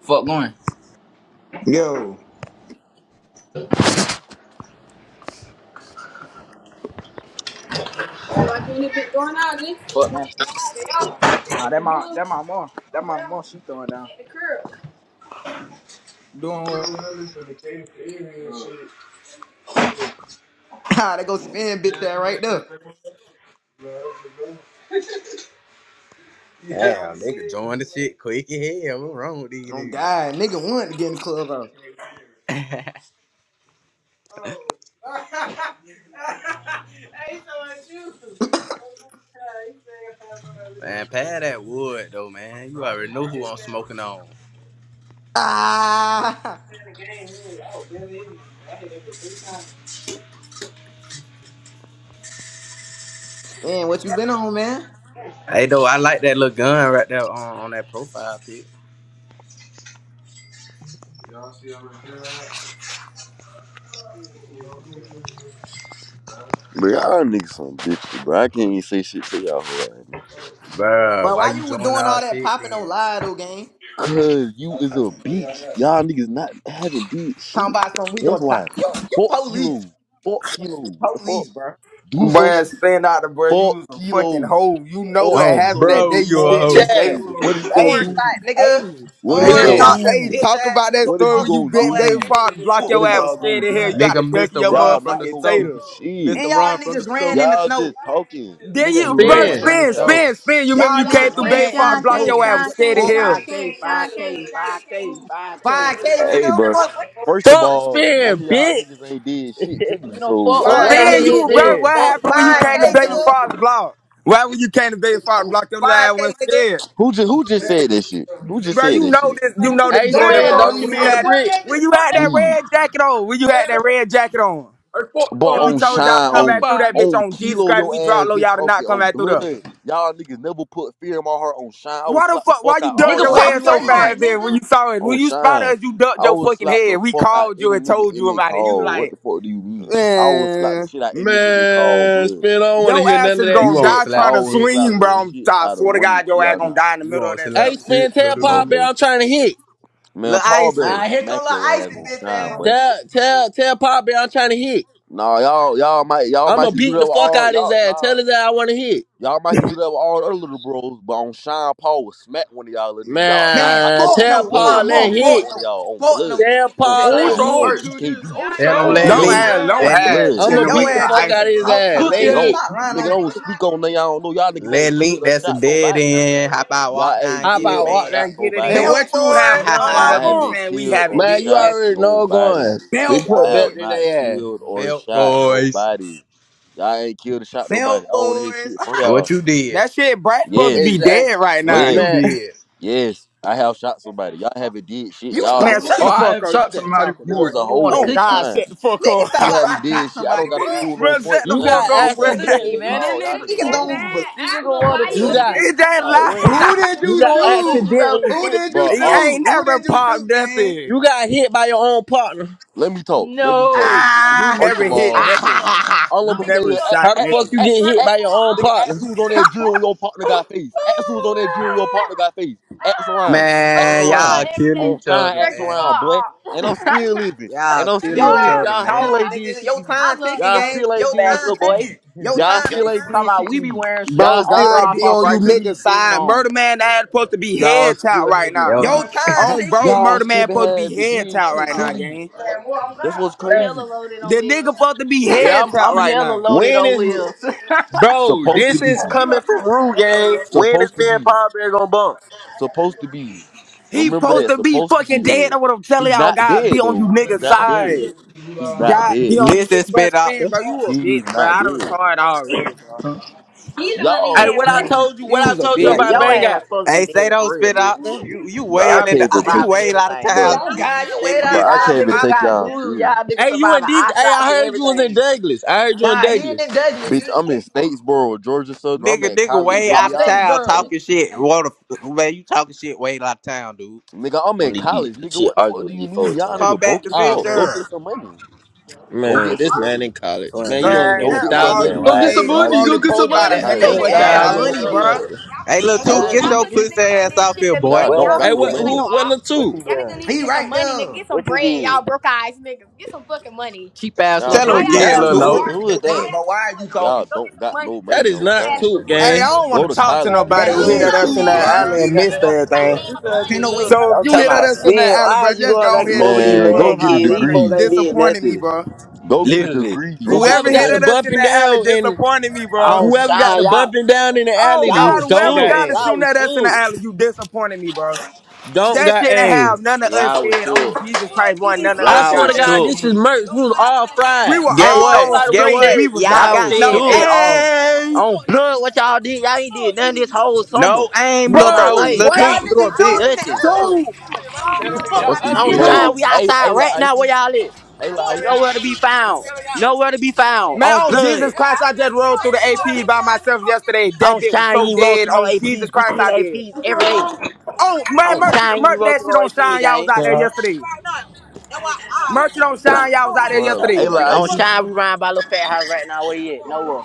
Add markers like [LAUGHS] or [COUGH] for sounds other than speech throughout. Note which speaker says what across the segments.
Speaker 1: Fuck going.
Speaker 2: Yo,
Speaker 1: You like when it be going out, G? Fuck man. They are. Nah, that my that my mom. That my Well, mom. She throwing down. at the curb. Doing what?
Speaker 2: [LAUGHS] ah, they go spin bitch ass right there.
Speaker 3: Damn, [LAUGHS] nigga join the shit quick as hell. What's wrong with these
Speaker 2: Oh God, nigga wanted to get in the clubhouse.
Speaker 3: niggas? [LAUGHS] man, pad that wood though, man. You already know who I'm smoking on.
Speaker 2: Ah, [LAUGHS] man, what you been on, man?
Speaker 3: Hey though, I like that little gun right there on, on that profile pic.
Speaker 4: But y'all niggas some bitches, bro. I can't even say shit to y'all who at me.
Speaker 3: Bruh,
Speaker 2: Bro,
Speaker 3: why
Speaker 2: why
Speaker 3: you
Speaker 2: you was
Speaker 3: join
Speaker 2: doing all
Speaker 3: all
Speaker 2: that
Speaker 3: shit
Speaker 2: popping on
Speaker 3: then?
Speaker 2: live though, gang?
Speaker 4: Cause you is a bitch. Y'all niggas not having did
Speaker 2: Talking
Speaker 4: shit.
Speaker 2: about some we
Speaker 4: That's
Speaker 2: gonna top
Speaker 4: why.
Speaker 2: you, you
Speaker 4: Fuck
Speaker 2: police,
Speaker 4: kilo. Fuck kilo. What the fuck?
Speaker 2: police, bro.
Speaker 4: Do some
Speaker 5: Boy,
Speaker 4: shit.
Speaker 5: stand out the bro. You
Speaker 4: Fuck
Speaker 5: was a fucking
Speaker 4: kilo.
Speaker 5: hoe. You know
Speaker 4: Fuck
Speaker 5: what
Speaker 3: Oh,
Speaker 5: happened that
Speaker 4: kilo.
Speaker 3: bro,
Speaker 5: day you
Speaker 3: you
Speaker 4: Fuck
Speaker 3: a
Speaker 5: bit
Speaker 3: hoe.
Speaker 5: little baby.
Speaker 6: Yeah,
Speaker 4: kilo. What is you
Speaker 5: fa-
Speaker 4: gonna
Speaker 2: Orange
Speaker 5: Hey,
Speaker 4: do?
Speaker 2: side,
Speaker 5: hey,
Speaker 2: nigga.
Speaker 4: What is
Speaker 5: ain't
Speaker 4: you
Speaker 5: that
Speaker 2: Orange
Speaker 4: gonna
Speaker 3: Mr.
Speaker 6: spin,
Speaker 5: talk?
Speaker 2: doctor,
Speaker 5: Hey,
Speaker 4: do?
Speaker 2: bitch
Speaker 5: talk
Speaker 2: ass
Speaker 5: about
Speaker 2: nigga.
Speaker 5: that
Speaker 4: What is
Speaker 5: story
Speaker 4: you
Speaker 5: when
Speaker 2: Fuck you,
Speaker 5: you
Speaker 4: gonna
Speaker 2: hoe
Speaker 5: bent
Speaker 2: ass
Speaker 5: baby
Speaker 2: nigga.
Speaker 4: do?
Speaker 5: father, block
Speaker 2: You
Speaker 4: What
Speaker 5: your
Speaker 4: is
Speaker 2: a
Speaker 5: ass,
Speaker 2: bitch.
Speaker 5: was
Speaker 4: y'all gonna
Speaker 5: scared of hell. You
Speaker 4: do?
Speaker 5: got
Speaker 3: Nigga,
Speaker 5: the duck in
Speaker 3: Mr.
Speaker 5: your
Speaker 3: Run
Speaker 4: Y'all
Speaker 3: from the
Speaker 4: not
Speaker 5: motherfucking
Speaker 4: gonna
Speaker 3: stove.
Speaker 4: do
Speaker 5: tater.
Speaker 4: shit.
Speaker 2: And
Speaker 3: Mr.
Speaker 2: y'all
Speaker 3: Run from the
Speaker 2: niggas
Speaker 3: stove.
Speaker 2: ran in the
Speaker 4: Y'all
Speaker 2: snow.
Speaker 4: just talking.
Speaker 5: Then
Speaker 4: Nigga ain't
Speaker 3: You
Speaker 5: you,
Speaker 4: never
Speaker 5: bro,
Speaker 3: ran
Speaker 6: spin.
Speaker 4: ran
Speaker 3: from
Speaker 1: Sean
Speaker 3: the
Speaker 4: from
Speaker 5: spin,
Speaker 1: K.
Speaker 4: y'all.
Speaker 3: stove.
Speaker 5: spin, spin. You remember
Speaker 2: Y'all
Speaker 5: you
Speaker 1: Sean
Speaker 5: came
Speaker 2: niggas
Speaker 5: through
Speaker 1: K.
Speaker 5: baby
Speaker 2: ran in the
Speaker 5: father,
Speaker 1: Sean
Speaker 5: block
Speaker 1: K.
Speaker 2: snow,
Speaker 5: your ass,
Speaker 2: gang.
Speaker 5: was
Speaker 1: Sean
Speaker 2: What the
Speaker 5: scared
Speaker 1: K.
Speaker 5: of
Speaker 2: fuck?
Speaker 1: Sean
Speaker 5: hell.
Speaker 1: 5K, Sean K. 5K, Sean K. 5K, 5K.
Speaker 2: Five K,
Speaker 4: Hey,
Speaker 2: nigga.
Speaker 4: bro.
Speaker 2: Fuck what?
Speaker 4: First of
Speaker 6: Fuck
Speaker 4: all,
Speaker 6: spin,
Speaker 4: none of y'all
Speaker 6: bitch.
Speaker 4: niggas ain't did shit to me,
Speaker 1: You don't
Speaker 4: so
Speaker 1: fuck
Speaker 6: Fuck
Speaker 4: I'm
Speaker 2: Five
Speaker 1: what
Speaker 4: not
Speaker 6: that
Speaker 1: I
Speaker 5: Spin,
Speaker 4: worried
Speaker 2: K,
Speaker 6: nigga
Speaker 4: about
Speaker 1: did,
Speaker 5: you,
Speaker 4: that
Speaker 5: bro.
Speaker 1: nigga.
Speaker 6: spin.
Speaker 4: shit.
Speaker 5: What
Speaker 1: Fuck
Speaker 5: happened when you
Speaker 2: five
Speaker 1: Sean,
Speaker 5: came to
Speaker 2: K,
Speaker 5: baby
Speaker 1: nigga.
Speaker 2: nigga.
Speaker 5: father block? Why when you came to baby father block your lad was
Speaker 2: 5K, nigga.
Speaker 5: scared?
Speaker 4: Who just who just said that shit? Who just
Speaker 5: bro.
Speaker 4: said
Speaker 5: You
Speaker 4: that
Speaker 5: know
Speaker 4: shit?
Speaker 5: this. You know
Speaker 6: Hey
Speaker 5: this, Jordan,
Speaker 6: spin, don't
Speaker 5: bro.
Speaker 6: you
Speaker 5: When
Speaker 6: be
Speaker 5: you
Speaker 6: in the
Speaker 5: had
Speaker 6: brick.
Speaker 5: when you had that
Speaker 4: Please,
Speaker 5: red jacket on, when you had that red jacket on,
Speaker 1: Hey, fuck
Speaker 4: but
Speaker 5: and we
Speaker 1: five,
Speaker 4: on
Speaker 1: nigga.
Speaker 5: told y'all to
Speaker 4: shine
Speaker 5: come
Speaker 1: Fuck
Speaker 4: on
Speaker 5: back through
Speaker 1: five,
Speaker 5: that
Speaker 1: nigga.
Speaker 5: bitch
Speaker 4: on
Speaker 5: on Jesus
Speaker 4: kilo
Speaker 5: Christ,
Speaker 4: your
Speaker 5: we
Speaker 4: ass
Speaker 5: dropped low
Speaker 4: just
Speaker 5: y'all to
Speaker 4: talking
Speaker 5: not come
Speaker 4: on
Speaker 5: back through there.
Speaker 4: blood. Y'all niggas never put fear in my heart on shine. I would
Speaker 5: Why the
Speaker 4: slap the
Speaker 5: fuck?
Speaker 4: fuck
Speaker 5: Why you
Speaker 4: out
Speaker 5: ducked
Speaker 4: all
Speaker 1: Nigga,
Speaker 5: your
Speaker 4: y'all
Speaker 2: Why
Speaker 1: fuck
Speaker 5: head
Speaker 4: niggas
Speaker 2: you
Speaker 4: in
Speaker 5: so
Speaker 1: your
Speaker 4: this
Speaker 2: ran?
Speaker 1: heart,
Speaker 5: fast
Speaker 4: bitch
Speaker 5: then when
Speaker 1: nigga.
Speaker 5: you saw it? When
Speaker 4: on
Speaker 5: you spotted
Speaker 4: shine.
Speaker 5: us, you ducked
Speaker 4: I
Speaker 5: your
Speaker 4: would
Speaker 5: fucking
Speaker 4: slap
Speaker 5: head.
Speaker 4: the
Speaker 5: We
Speaker 4: fuck out
Speaker 5: called you
Speaker 4: any
Speaker 5: and
Speaker 4: nigga
Speaker 5: told
Speaker 4: in
Speaker 5: you
Speaker 4: their
Speaker 5: about it. You
Speaker 4: call. What
Speaker 5: like,
Speaker 4: the fuck do you mean? I would slap the
Speaker 5: man,
Speaker 4: shit out any nigga in their call on
Speaker 6: Man,
Speaker 4: blood.
Speaker 6: spin, I don't wanna
Speaker 5: your
Speaker 6: hear none
Speaker 5: ass
Speaker 6: of
Speaker 5: is
Speaker 6: that
Speaker 3: You
Speaker 5: gonna
Speaker 3: won't
Speaker 5: die
Speaker 6: shit.
Speaker 4: I
Speaker 5: trying
Speaker 3: slap
Speaker 5: to
Speaker 4: would
Speaker 3: shit,
Speaker 4: slap
Speaker 5: swing,
Speaker 4: the
Speaker 3: little dude.
Speaker 5: bro.
Speaker 4: shit
Speaker 5: I
Speaker 4: out of
Speaker 5: swear to
Speaker 4: one
Speaker 5: God,
Speaker 4: of
Speaker 5: your ass
Speaker 4: y'all niggas.
Speaker 5: gonna die in the
Speaker 3: You
Speaker 5: middle of
Speaker 3: won't
Speaker 5: that
Speaker 6: Hey
Speaker 3: slap
Speaker 5: swing.
Speaker 3: shit,
Speaker 6: spin,
Speaker 3: little
Speaker 6: tell Pop
Speaker 3: dude.
Speaker 6: Bear
Speaker 4: Okay,
Speaker 6: I'm trying to hit.
Speaker 4: Man,
Speaker 3: Lil
Speaker 4: Paul Bear
Speaker 3: Icy.
Speaker 2: Ah, here come
Speaker 4: smack
Speaker 2: little
Speaker 4: your ass
Speaker 2: icy
Speaker 4: on
Speaker 2: bitch
Speaker 4: shine,
Speaker 2: ass.
Speaker 4: boy.
Speaker 6: Tell tell tell Pop Bear I'm trying to hit.
Speaker 4: Nah, y'all, y'all might, y'all
Speaker 6: I'ma
Speaker 4: might could do
Speaker 6: beat the
Speaker 4: that with
Speaker 6: fuck
Speaker 4: all
Speaker 6: out of his
Speaker 4: y'all.
Speaker 6: ass. Tell
Speaker 4: Nah,
Speaker 6: his ass I wanna hit.
Speaker 4: y'all might could do that with all the other little bros, but on shine, Paul would smack one of y'all little niggas. Y'all not
Speaker 2: Man,
Speaker 4: like
Speaker 6: Man,
Speaker 4: that
Speaker 2: fuck
Speaker 4: on
Speaker 6: tell
Speaker 2: no. On
Speaker 4: blood.
Speaker 2: my
Speaker 6: Paul
Speaker 4: Paul
Speaker 6: let
Speaker 2: mom,
Speaker 4: would smack
Speaker 2: fuck
Speaker 6: hit.
Speaker 4: one of
Speaker 2: no.
Speaker 4: y'all on
Speaker 2: Fuck no,
Speaker 4: blood,
Speaker 2: nigga.
Speaker 6: Tell
Speaker 2: You
Speaker 4: on
Speaker 2: just
Speaker 6: Paul
Speaker 1: Oh,
Speaker 6: let
Speaker 2: talking
Speaker 4: shine,
Speaker 1: Sean,
Speaker 4: on
Speaker 6: hit.
Speaker 1: I'ma
Speaker 2: merch.
Speaker 1: do this.
Speaker 4: GKB,
Speaker 1: Oh, Sean, you
Speaker 3: Tell
Speaker 1: i
Speaker 3: them
Speaker 4: on
Speaker 3: let
Speaker 1: I'ma
Speaker 5: Don't
Speaker 1: do
Speaker 3: link,
Speaker 4: blood,
Speaker 5: add,
Speaker 1: that.
Speaker 5: don't
Speaker 4: on
Speaker 3: let link,
Speaker 5: add
Speaker 4: blood.
Speaker 1: y'all
Speaker 5: ten
Speaker 6: I'ma
Speaker 5: and
Speaker 2: Yo
Speaker 5: weight
Speaker 6: beat
Speaker 1: niggas
Speaker 6: the
Speaker 5: like
Speaker 2: ass
Speaker 1: not
Speaker 2: just
Speaker 6: fuck
Speaker 1: gonna
Speaker 5: ice,
Speaker 2: want
Speaker 6: out
Speaker 1: hit.
Speaker 6: of his
Speaker 5: bro.
Speaker 2: talk
Speaker 6: ass.
Speaker 1: Pussy
Speaker 2: time,
Speaker 6: Let
Speaker 4: Nigga
Speaker 2: nigga.
Speaker 1: ass,
Speaker 4: don't
Speaker 6: hit.
Speaker 2: Stop
Speaker 4: speak,
Speaker 2: lying
Speaker 1: Y'all
Speaker 4: nigga
Speaker 2: on
Speaker 4: don't
Speaker 2: blood.
Speaker 1: niggas
Speaker 4: speak
Speaker 1: not
Speaker 4: on
Speaker 1: gonna
Speaker 4: that.
Speaker 1: hit.
Speaker 4: Y'all don't know y'all niggas
Speaker 3: let
Speaker 4: ain't
Speaker 3: link.
Speaker 4: killed or
Speaker 3: That's a
Speaker 4: shot
Speaker 3: dead
Speaker 4: nobody.
Speaker 3: end. Hop out,
Speaker 4: Y'all
Speaker 3: walk down,
Speaker 4: ain't
Speaker 3: and
Speaker 6: Hop
Speaker 3: get it,
Speaker 4: killed
Speaker 6: out,
Speaker 4: or
Speaker 6: walk
Speaker 3: man.
Speaker 4: shot
Speaker 6: down,
Speaker 3: [LAUGHS]
Speaker 6: get it
Speaker 5: And
Speaker 4: nobody.
Speaker 6: in.
Speaker 2: Belt
Speaker 5: what you have
Speaker 2: boys,
Speaker 3: Ha
Speaker 2: Oh,
Speaker 5: done
Speaker 4: Y'all
Speaker 2: I
Speaker 5: to
Speaker 3: ha.
Speaker 5: be
Speaker 2: won.
Speaker 4: haven't
Speaker 5: saying we
Speaker 4: killed
Speaker 5: haven't
Speaker 4: or
Speaker 6: Man,
Speaker 5: did
Speaker 6: you
Speaker 4: shot
Speaker 5: nothing.
Speaker 6: already know it's
Speaker 4: nobody.
Speaker 6: going. They
Speaker 2: belt
Speaker 4: Y'all
Speaker 6: put belt
Speaker 4: have
Speaker 2: boys,
Speaker 6: in
Speaker 4: not
Speaker 6: their ass.
Speaker 4: killed or
Speaker 3: Belt
Speaker 4: shot
Speaker 3: boys,
Speaker 4: nobody. Y'all ain't killed or shot nobody. I
Speaker 2: Belt
Speaker 4: don't want to hear
Speaker 2: boys.
Speaker 4: shit from
Speaker 3: what
Speaker 4: y'all.
Speaker 3: you did?
Speaker 5: That shit, Brad's supposed to
Speaker 4: Yes,
Speaker 5: be
Speaker 6: Exactly.
Speaker 5: dead right
Speaker 3: What
Speaker 5: now.
Speaker 3: you
Speaker 4: yes,
Speaker 6: Man,
Speaker 3: did?
Speaker 4: yes. I have shot somebody. Y'all haven't did
Speaker 2: [LAUGHS]
Speaker 4: shit.
Speaker 2: you
Speaker 4: Y'all
Speaker 5: Man,
Speaker 4: niggas
Speaker 5: shut
Speaker 1: Oh,
Speaker 5: the
Speaker 2: police.
Speaker 1: I
Speaker 4: bitches.
Speaker 5: fuck
Speaker 1: have
Speaker 5: up. You
Speaker 1: shot
Speaker 5: just
Speaker 1: somebody
Speaker 5: talking
Speaker 4: You
Speaker 1: before.
Speaker 5: now.
Speaker 4: was a
Speaker 1: And you
Speaker 4: hoe
Speaker 1: want a
Speaker 5: Oh
Speaker 4: on
Speaker 1: cookie?
Speaker 5: God, shut
Speaker 4: shine.
Speaker 5: the fuck up.
Speaker 2: Niggas talking
Speaker 4: You
Speaker 2: about
Speaker 4: haven't
Speaker 2: I
Speaker 4: did
Speaker 2: shot
Speaker 4: shit. I don't
Speaker 2: somebody.
Speaker 4: gotta
Speaker 2: What?
Speaker 5: [LAUGHS]
Speaker 4: prove no
Speaker 5: bro,
Speaker 4: point
Speaker 5: shut
Speaker 4: to
Speaker 5: the
Speaker 6: you
Speaker 4: none of
Speaker 5: fuck
Speaker 4: you
Speaker 6: got
Speaker 5: up,
Speaker 4: bitch
Speaker 5: bro.
Speaker 4: ass
Speaker 1: Cookie,
Speaker 4: niggas in
Speaker 1: You
Speaker 4: there
Speaker 6: accidentally,
Speaker 1: man. You want
Speaker 4: call.
Speaker 1: That a
Speaker 4: Y'all
Speaker 1: nigga,
Speaker 4: niggas
Speaker 1: cookie
Speaker 2: Niggas
Speaker 1: that
Speaker 4: hoes.
Speaker 2: don't believe.
Speaker 1: bad? this I nigga I will want a buy you
Speaker 6: you
Speaker 1: a
Speaker 5: [LAUGHS]
Speaker 1: cookie.
Speaker 6: got,
Speaker 1: cookie
Speaker 5: he
Speaker 1: from
Speaker 5: just
Speaker 4: Like
Speaker 1: Dollar [LAUGHS]
Speaker 4: what?
Speaker 1: General
Speaker 2: Who
Speaker 5: lie.
Speaker 1: right
Speaker 2: did
Speaker 1: now. [LAUGHS]
Speaker 6: you
Speaker 2: you
Speaker 1: you
Speaker 6: got
Speaker 1: want a cookie,
Speaker 2: shoot?
Speaker 1: I bro? I will
Speaker 6: accidentally
Speaker 1: buy
Speaker 2: Who
Speaker 1: you
Speaker 6: hit.
Speaker 2: did you
Speaker 5: [LAUGHS]
Speaker 4: Bro,
Speaker 1: a
Speaker 5: he
Speaker 4: all,
Speaker 2: shoot?
Speaker 5: ain't
Speaker 2: Who
Speaker 5: never
Speaker 2: did you
Speaker 5: popped
Speaker 2: shoot, gang?
Speaker 5: nothing.
Speaker 6: You got hit by your own partner.
Speaker 4: let me talk.
Speaker 1: cookie.
Speaker 4: Let me
Speaker 1: No. I'm
Speaker 4: talk.
Speaker 1: in the field every
Speaker 5: You
Speaker 2: Ah.
Speaker 1: day.
Speaker 4: First
Speaker 5: never
Speaker 4: of
Speaker 5: hit
Speaker 4: all,
Speaker 5: nothing.
Speaker 4: All
Speaker 1: [LAUGHS] I'm
Speaker 4: I'm
Speaker 5: You
Speaker 4: gonna
Speaker 1: in
Speaker 4: say
Speaker 1: the
Speaker 5: never
Speaker 4: is
Speaker 1: field
Speaker 4: ask,
Speaker 5: shot
Speaker 6: How the
Speaker 1: every
Speaker 4: ask,
Speaker 1: day
Speaker 6: fuck
Speaker 5: nothing.
Speaker 6: you
Speaker 4: ask,
Speaker 6: get hit
Speaker 1: searching
Speaker 4: ask.
Speaker 6: by
Speaker 1: for
Speaker 6: your
Speaker 1: an
Speaker 6: own
Speaker 4: Nigga,
Speaker 1: aunt.
Speaker 4: ask
Speaker 6: partner?
Speaker 4: who's on that drill when your partner got
Speaker 1: [LAUGHS]
Speaker 4: phased. Ask who's on that drill when your partner got phased. Ask around.
Speaker 1: I'm
Speaker 4: Ask
Speaker 3: Man,
Speaker 1: in the hill
Speaker 4: around.
Speaker 3: y'all kill
Speaker 1: every
Speaker 4: On
Speaker 1: day
Speaker 3: each
Speaker 4: shine,
Speaker 3: other,
Speaker 4: ask
Speaker 1: searching
Speaker 3: man.
Speaker 4: around, boy. And
Speaker 1: for
Speaker 4: I'm
Speaker 1: an aunt.
Speaker 4: still
Speaker 1: [LAUGHS]
Speaker 4: living.
Speaker 3: Y'all
Speaker 4: And I'm
Speaker 3: kill
Speaker 2: Yo
Speaker 4: still
Speaker 3: each
Speaker 2: ass
Speaker 4: living.
Speaker 1: Ah,
Speaker 3: other,
Speaker 4: Y'all
Speaker 3: man.
Speaker 4: still
Speaker 2: talking,
Speaker 4: ain't
Speaker 1: ah.
Speaker 4: did
Speaker 2: nigga.
Speaker 4: shit
Speaker 2: Your
Speaker 4: to me.
Speaker 2: time
Speaker 1: I love
Speaker 2: ticking,
Speaker 4: Y'all
Speaker 1: Kroger.
Speaker 2: gang.
Speaker 4: still ain't
Speaker 2: Your
Speaker 4: did
Speaker 1: Fast
Speaker 2: time
Speaker 4: shit
Speaker 1: little
Speaker 4: to me.
Speaker 1: boy.
Speaker 2: ticking. Your
Speaker 4: Y'all
Speaker 2: time
Speaker 4: still
Speaker 2: ticking.
Speaker 4: ain't
Speaker 1: Talking
Speaker 4: did
Speaker 1: about
Speaker 4: shit to
Speaker 1: we be
Speaker 4: me.
Speaker 1: wearing she ain't
Speaker 4: Y'all
Speaker 5: Bro,
Speaker 1: on,
Speaker 4: still
Speaker 1: bro.
Speaker 4: ain't
Speaker 1: I
Speaker 5: God be
Speaker 1: saw
Speaker 4: did
Speaker 5: on you
Speaker 4: shit
Speaker 1: Bryce
Speaker 4: to
Speaker 1: with some
Speaker 5: niggas
Speaker 4: me.
Speaker 1: sheen
Speaker 5: side.
Speaker 1: on.
Speaker 5: Murder man ass supposed to be
Speaker 4: Y'all
Speaker 5: head top
Speaker 4: still
Speaker 5: right
Speaker 4: haven't
Speaker 5: now.
Speaker 3: Yo,
Speaker 2: Your
Speaker 4: did.
Speaker 2: time
Speaker 5: On bro,
Speaker 2: ticking.
Speaker 4: Y'all
Speaker 5: murder
Speaker 4: still
Speaker 5: man supposed to be
Speaker 4: haven't
Speaker 5: head
Speaker 4: did
Speaker 5: top
Speaker 4: shit
Speaker 5: right
Speaker 4: to
Speaker 5: now,
Speaker 4: me.
Speaker 5: gang.
Speaker 4: That's what's crazy.
Speaker 1: loaded
Speaker 5: The
Speaker 1: on
Speaker 5: nigga
Speaker 1: wheels. [LAUGHS]
Speaker 5: supposed to be
Speaker 1: Yeah,
Speaker 5: head
Speaker 1: I'm,
Speaker 5: tapped
Speaker 1: I'm
Speaker 5: right
Speaker 1: hella
Speaker 5: now.
Speaker 1: loaded
Speaker 6: When
Speaker 1: on wheels. [LAUGHS]
Speaker 6: is,
Speaker 1: Ain't
Speaker 6: bro?
Speaker 4: Supposed to
Speaker 6: This
Speaker 4: be.
Speaker 6: is coming from Rue
Speaker 1: no
Speaker 6: Gang.
Speaker 1: way.
Speaker 6: When is
Speaker 4: Supposed to
Speaker 6: me and
Speaker 4: be.
Speaker 6: Paul Bear gonna bump?
Speaker 4: Supposed to be.
Speaker 5: He
Speaker 4: Remember
Speaker 5: supposed
Speaker 4: that.
Speaker 5: to be
Speaker 4: Supposed to be
Speaker 5: fucking dead.
Speaker 4: dead.
Speaker 5: That's what I'm
Speaker 4: He
Speaker 5: telling y'all.
Speaker 4: not
Speaker 5: God be
Speaker 4: dead
Speaker 5: on you
Speaker 4: though. He
Speaker 5: niggas
Speaker 4: not dead.
Speaker 5: side.
Speaker 4: He not
Speaker 5: God be
Speaker 4: dead
Speaker 5: on
Speaker 4: though.
Speaker 5: you,
Speaker 3: listen,
Speaker 5: nigga. bro.
Speaker 3: spit out
Speaker 5: Spin,
Speaker 3: there.
Speaker 5: bro. You a
Speaker 4: He's
Speaker 5: bitch, bro.
Speaker 4: not
Speaker 5: I done
Speaker 4: dead.
Speaker 5: saw it already, bro.
Speaker 1: Huh? You the one he
Speaker 6: Hey,
Speaker 4: Y'all
Speaker 6: what
Speaker 1: never.
Speaker 6: I
Speaker 4: cool.
Speaker 6: told you, what I
Speaker 5: You's a
Speaker 6: told you
Speaker 1: Y'all Yeah,
Speaker 5: bitch,
Speaker 6: about
Speaker 1: your
Speaker 6: Bang
Speaker 5: bro.
Speaker 1: ass
Speaker 6: Out.
Speaker 1: supposed to be
Speaker 3: Hey, say
Speaker 1: dead
Speaker 3: don't
Speaker 1: for real,
Speaker 3: spit out
Speaker 1: bitch.
Speaker 3: there.
Speaker 1: [LAUGHS]
Speaker 3: You you
Speaker 4: Bro, I
Speaker 1: Y'all
Speaker 3: wail in
Speaker 4: can't
Speaker 3: the,
Speaker 1: niggas
Speaker 4: even
Speaker 3: you
Speaker 4: take
Speaker 1: surviving
Speaker 3: wail out of
Speaker 1: everything.
Speaker 4: bro,
Speaker 3: town.
Speaker 2: Yo, guy,
Speaker 3: You
Speaker 2: you ain't
Speaker 3: steady
Speaker 2: out of
Speaker 4: bro, I
Speaker 3: dissing.
Speaker 4: can't
Speaker 2: town
Speaker 4: even
Speaker 1: Y'all niggas
Speaker 4: take
Speaker 2: popping,
Speaker 1: got
Speaker 4: y'all
Speaker 2: man.
Speaker 1: voodoo.
Speaker 4: serious.
Speaker 1: Y'all niggas
Speaker 6: Hey, you in
Speaker 1: surviving
Speaker 6: D? Hey,
Speaker 1: eye
Speaker 6: I
Speaker 1: shots and
Speaker 6: heard you was in
Speaker 1: everything.
Speaker 6: Douglas. I heard you in
Speaker 2: Nah, he ain't in
Speaker 6: Douglas.
Speaker 2: Douglas.
Speaker 4: Bitch,
Speaker 2: He in
Speaker 4: I'm in
Speaker 2: Statesboro.
Speaker 4: Statesboro, Georgia Southern. I'm
Speaker 3: Nigga,
Speaker 4: at
Speaker 3: nigga,
Speaker 4: college,
Speaker 1: Nigga,
Speaker 3: way
Speaker 4: nigga.
Speaker 3: out
Speaker 1: fuck
Speaker 3: of
Speaker 4: Y'all nigga
Speaker 3: town
Speaker 1: Statesboro,
Speaker 4: broke.
Speaker 3: talking shit. Wanna man, you talking shit way out of town, dude.
Speaker 4: Nigga, I'm in
Speaker 7: Only
Speaker 4: college,
Speaker 7: the
Speaker 4: nigga.
Speaker 7: shit
Speaker 4: What the fuck
Speaker 7: arguing
Speaker 4: do
Speaker 7: with
Speaker 4: you
Speaker 7: these
Speaker 4: mean?
Speaker 7: folks,
Speaker 4: Y'all
Speaker 7: twin.
Speaker 3: Come
Speaker 4: nigga
Speaker 3: back
Speaker 4: broke
Speaker 3: to
Speaker 4: it
Speaker 6: Oh
Speaker 4: for?
Speaker 1: nigga.
Speaker 6: man.
Speaker 4: Go
Speaker 3: Fisher.
Speaker 4: get some money. Go
Speaker 6: Man,
Speaker 4: get some
Speaker 6: this man
Speaker 4: money.
Speaker 6: in college.
Speaker 7: Twin,
Speaker 6: Man, you
Speaker 7: these
Speaker 6: only
Speaker 5: Man,
Speaker 7: niggas
Speaker 6: getting
Speaker 7: ain't
Speaker 4: Go
Speaker 6: a
Speaker 7: talking
Speaker 5: that's
Speaker 4: get some
Speaker 7: about
Speaker 6: thousand
Speaker 5: all
Speaker 6: a
Speaker 7: man.
Speaker 4: money.
Speaker 5: you
Speaker 1: Go
Speaker 7: Why
Speaker 6: month,
Speaker 1: get
Speaker 7: is
Speaker 1: some
Speaker 5: say.
Speaker 7: you
Speaker 5: You
Speaker 1: money.
Speaker 7: arguing
Speaker 5: only
Speaker 1: Go
Speaker 7: with
Speaker 1: get
Speaker 7: these
Speaker 1: some
Speaker 5: post
Speaker 1: Y'all
Speaker 5: about
Speaker 7: folks?
Speaker 5: a
Speaker 1: money. pussy
Speaker 2: That
Speaker 1: Shut
Speaker 4: Like
Speaker 5: hundred
Speaker 1: pussy
Speaker 6: a
Speaker 2: fake
Speaker 4: what
Speaker 1: your niggas ain't cheap
Speaker 5: fucking
Speaker 1: did
Speaker 4: y'all
Speaker 2: ass
Speaker 1: ass
Speaker 4: nigga
Speaker 6: thousand
Speaker 5: dollars
Speaker 1: shit
Speaker 6: a
Speaker 5: on
Speaker 4: broke
Speaker 2: money,
Speaker 1: to
Speaker 5: your
Speaker 1: up,
Speaker 4: in
Speaker 1: me. nigga.
Speaker 2: bruh.
Speaker 5: story.
Speaker 4: hell.
Speaker 6: semester.
Speaker 1: Y'all pussy
Speaker 3: Hey, little
Speaker 1: Cheap niggas-
Speaker 7: Hey,
Speaker 3: Toot,
Speaker 1: ass
Speaker 7: look,
Speaker 3: get
Speaker 1: Y'all
Speaker 7: who-
Speaker 3: your
Speaker 1: pussy nigga.
Speaker 3: pussy
Speaker 1: niggas ain't
Speaker 3: ass
Speaker 1: did
Speaker 3: off
Speaker 1: shit
Speaker 3: here,
Speaker 1: to me,
Speaker 3: boy.
Speaker 4: Y'all
Speaker 1: nigga.
Speaker 7: what
Speaker 4: don't
Speaker 1: Y'all
Speaker 7: have
Speaker 6: Hey,
Speaker 4: got
Speaker 7: you
Speaker 1: pussy
Speaker 4: no
Speaker 6: what?
Speaker 7: done,
Speaker 1: niggas ain't
Speaker 4: money.
Speaker 1: no
Speaker 6: Who?
Speaker 7: little
Speaker 6: What?
Speaker 7: man?
Speaker 6: Look,
Speaker 1: ops.
Speaker 7: What
Speaker 6: two.
Speaker 7: you
Speaker 1: Y'all niggas
Speaker 7: done?
Speaker 1: need to
Speaker 2: He
Speaker 1: get some
Speaker 2: right
Speaker 1: money, nigga.
Speaker 2: there.
Speaker 1: Get some
Speaker 7: What you
Speaker 1: bread, y'all
Speaker 7: did?
Speaker 1: broke eyes niggas. Get some fucking money. Cheap ass
Speaker 2: Man,
Speaker 4: Y'all
Speaker 1: little
Speaker 3: Tell
Speaker 1: boy. All
Speaker 3: him
Speaker 1: boy.
Speaker 4: don't
Speaker 2: you
Speaker 1: y'all
Speaker 4: got
Speaker 6: That's
Speaker 3: again,
Speaker 1: niggas
Speaker 2: have
Speaker 4: no
Speaker 1: do
Speaker 3: little
Speaker 2: no
Speaker 1: is
Speaker 6: two.
Speaker 7: Who
Speaker 4: money.
Speaker 2: money
Speaker 3: loaded.
Speaker 2: to
Speaker 1: argue.
Speaker 7: who is
Speaker 2: your
Speaker 1: All
Speaker 2: name,
Speaker 7: that?
Speaker 1: y'all
Speaker 2: bro.
Speaker 1: niggas
Speaker 2: Why are
Speaker 1: do
Speaker 2: you
Speaker 1: is argue.
Speaker 2: talking?
Speaker 4: Y'all
Speaker 1: Go get
Speaker 4: don't
Speaker 1: some
Speaker 4: got
Speaker 1: money.
Speaker 4: no
Speaker 6: That
Speaker 4: money
Speaker 6: is
Speaker 4: on
Speaker 1: Broke
Speaker 6: not
Speaker 1: ass
Speaker 4: time.
Speaker 6: two,
Speaker 1: niggas.
Speaker 7: I'm
Speaker 5: Hey, I
Speaker 6: gang.
Speaker 5: don't want
Speaker 4: Go
Speaker 5: to
Speaker 4: to
Speaker 5: talk to
Speaker 4: college, get a
Speaker 5: nobody
Speaker 2: That
Speaker 5: who hit
Speaker 1: Ooh,
Speaker 4: degree
Speaker 2: is
Speaker 4: or
Speaker 5: at
Speaker 1: fuck
Speaker 5: us
Speaker 4: some
Speaker 5: in
Speaker 2: too,
Speaker 4: shit,
Speaker 1: that,
Speaker 5: that
Speaker 1: homie.
Speaker 4: nigga.
Speaker 2: bruh.
Speaker 5: alley and
Speaker 1: Nigga,
Speaker 5: missed
Speaker 1: get some
Speaker 5: everything.
Speaker 1: goddamn
Speaker 2: 1008.
Speaker 1: money,
Speaker 5: So
Speaker 1: broke
Speaker 5: if you
Speaker 7: talking
Speaker 5: hit
Speaker 1: ass
Speaker 5: at
Speaker 7: about
Speaker 5: us in that
Speaker 7: spin.
Speaker 5: alley,
Speaker 7: Why
Speaker 5: bro,
Speaker 7: is you
Speaker 5: just
Speaker 7: going back
Speaker 5: go
Speaker 7: and
Speaker 5: ahead and
Speaker 7: forth with
Speaker 5: leave
Speaker 7: these
Speaker 5: the
Speaker 4: Man, go
Speaker 7: leg
Speaker 4: get a
Speaker 5: clubhouse,
Speaker 7: kids?
Speaker 5: bro,
Speaker 7: These
Speaker 5: cause you
Speaker 7: folks
Speaker 4: degree.
Speaker 7: ain't did
Speaker 5: disappointed me,
Speaker 7: nothing.
Speaker 5: bro.
Speaker 4: Go get a
Speaker 7: Literally.
Speaker 4: degree. Go get
Speaker 6: Whoever
Speaker 5: Whoever
Speaker 4: some
Speaker 5: hit
Speaker 6: got the
Speaker 5: at
Speaker 4: money.
Speaker 5: us in
Speaker 6: bumping
Speaker 5: that alley
Speaker 6: down and
Speaker 5: disappointed me,
Speaker 7: I
Speaker 5: bro.
Speaker 7: don't
Speaker 6: whoever got
Speaker 7: shine.
Speaker 6: the
Speaker 7: Y'all
Speaker 6: bumping down in the
Speaker 5: Oh
Speaker 7: y'all
Speaker 6: alley
Speaker 5: God,
Speaker 7: was
Speaker 6: don't
Speaker 5: whoever
Speaker 6: got
Speaker 7: sure.
Speaker 5: got to
Speaker 6: aim.
Speaker 7: Y'all
Speaker 5: shooting
Speaker 7: was
Speaker 5: at us in the
Speaker 7: sure.
Speaker 5: alley, you disappointed me, bro.
Speaker 6: Don't
Speaker 5: That
Speaker 6: got
Speaker 5: shit didn't
Speaker 6: aim.
Speaker 5: have none of us
Speaker 7: Y'all was
Speaker 5: scared.
Speaker 7: sure.
Speaker 5: On Jesus Christ, one none of us
Speaker 6: I
Speaker 7: Y'all
Speaker 6: swear
Speaker 5: got
Speaker 6: to
Speaker 7: was
Speaker 5: there.
Speaker 6: God,
Speaker 7: sure.
Speaker 5: scared.
Speaker 6: this is merch. We was all
Speaker 5: We
Speaker 6: fried.
Speaker 5: were
Speaker 3: Get
Speaker 6: Ain't
Speaker 3: what?
Speaker 5: all
Speaker 6: nobody was
Speaker 3: Get
Speaker 5: straight.
Speaker 3: what?
Speaker 5: We
Speaker 6: scared.
Speaker 5: was
Speaker 3: Y'all
Speaker 5: not
Speaker 7: Y'all
Speaker 3: got
Speaker 7: was
Speaker 3: no
Speaker 5: scared at
Speaker 7: shook.
Speaker 5: all.
Speaker 3: aim.
Speaker 7: On blood, what y'all did, y'all ain't did nothing this whole summer.
Speaker 3: No aim,
Speaker 7: On
Speaker 3: little
Speaker 7: my
Speaker 3: bro.
Speaker 6: Bro,
Speaker 7: life.
Speaker 2: Y'all
Speaker 3: Little Toot,
Speaker 6: wait,
Speaker 3: you a
Speaker 2: niggas shooting in
Speaker 3: bitch.
Speaker 2: the
Speaker 7: Nothing.
Speaker 2: air.
Speaker 6: two,
Speaker 1: nigga. Fuck is
Speaker 7: On
Speaker 4: But
Speaker 7: shine,
Speaker 6: two.
Speaker 7: we
Speaker 4: hey,
Speaker 7: outside
Speaker 4: Ayla
Speaker 7: right now where
Speaker 4: Icy,
Speaker 7: y'all live.
Speaker 4: Ayla Icy,
Speaker 7: Nowhere to be found. Nowhere to be found.
Speaker 5: Man,
Speaker 7: On
Speaker 5: on
Speaker 7: blood.
Speaker 5: Jesus Christ, I just rolled through the AP by myself yesterday. That
Speaker 7: On
Speaker 5: bit was
Speaker 7: shine,
Speaker 5: so
Speaker 7: you ain't roll
Speaker 5: dead.
Speaker 7: through no
Speaker 5: On Jesus
Speaker 7: APs. Bitch,
Speaker 5: Christ,
Speaker 7: we in
Speaker 5: I did.
Speaker 7: APs every day.
Speaker 1: this? [LAUGHS]
Speaker 5: Oh man,
Speaker 7: On
Speaker 5: merchant,
Speaker 7: shine, you ain't
Speaker 5: merch,
Speaker 7: roll
Speaker 5: that
Speaker 7: through
Speaker 5: shit
Speaker 7: no
Speaker 5: on
Speaker 7: AP
Speaker 5: shine. Y'all was
Speaker 7: gang.
Speaker 5: out there yesterday. Merchant on shine. Y'all was out there
Speaker 4: bro,
Speaker 5: yesterday.
Speaker 4: Ayla
Speaker 7: On
Speaker 4: Icy,
Speaker 7: shine, we riding by little fat house right now where you at. Nowhere.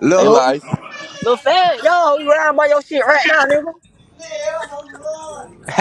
Speaker 3: Little
Speaker 4: Ayla
Speaker 3: who?
Speaker 4: Icy.
Speaker 7: Lil Fat, yo, you around by your shit right now, nigga.
Speaker 3: [LAUGHS]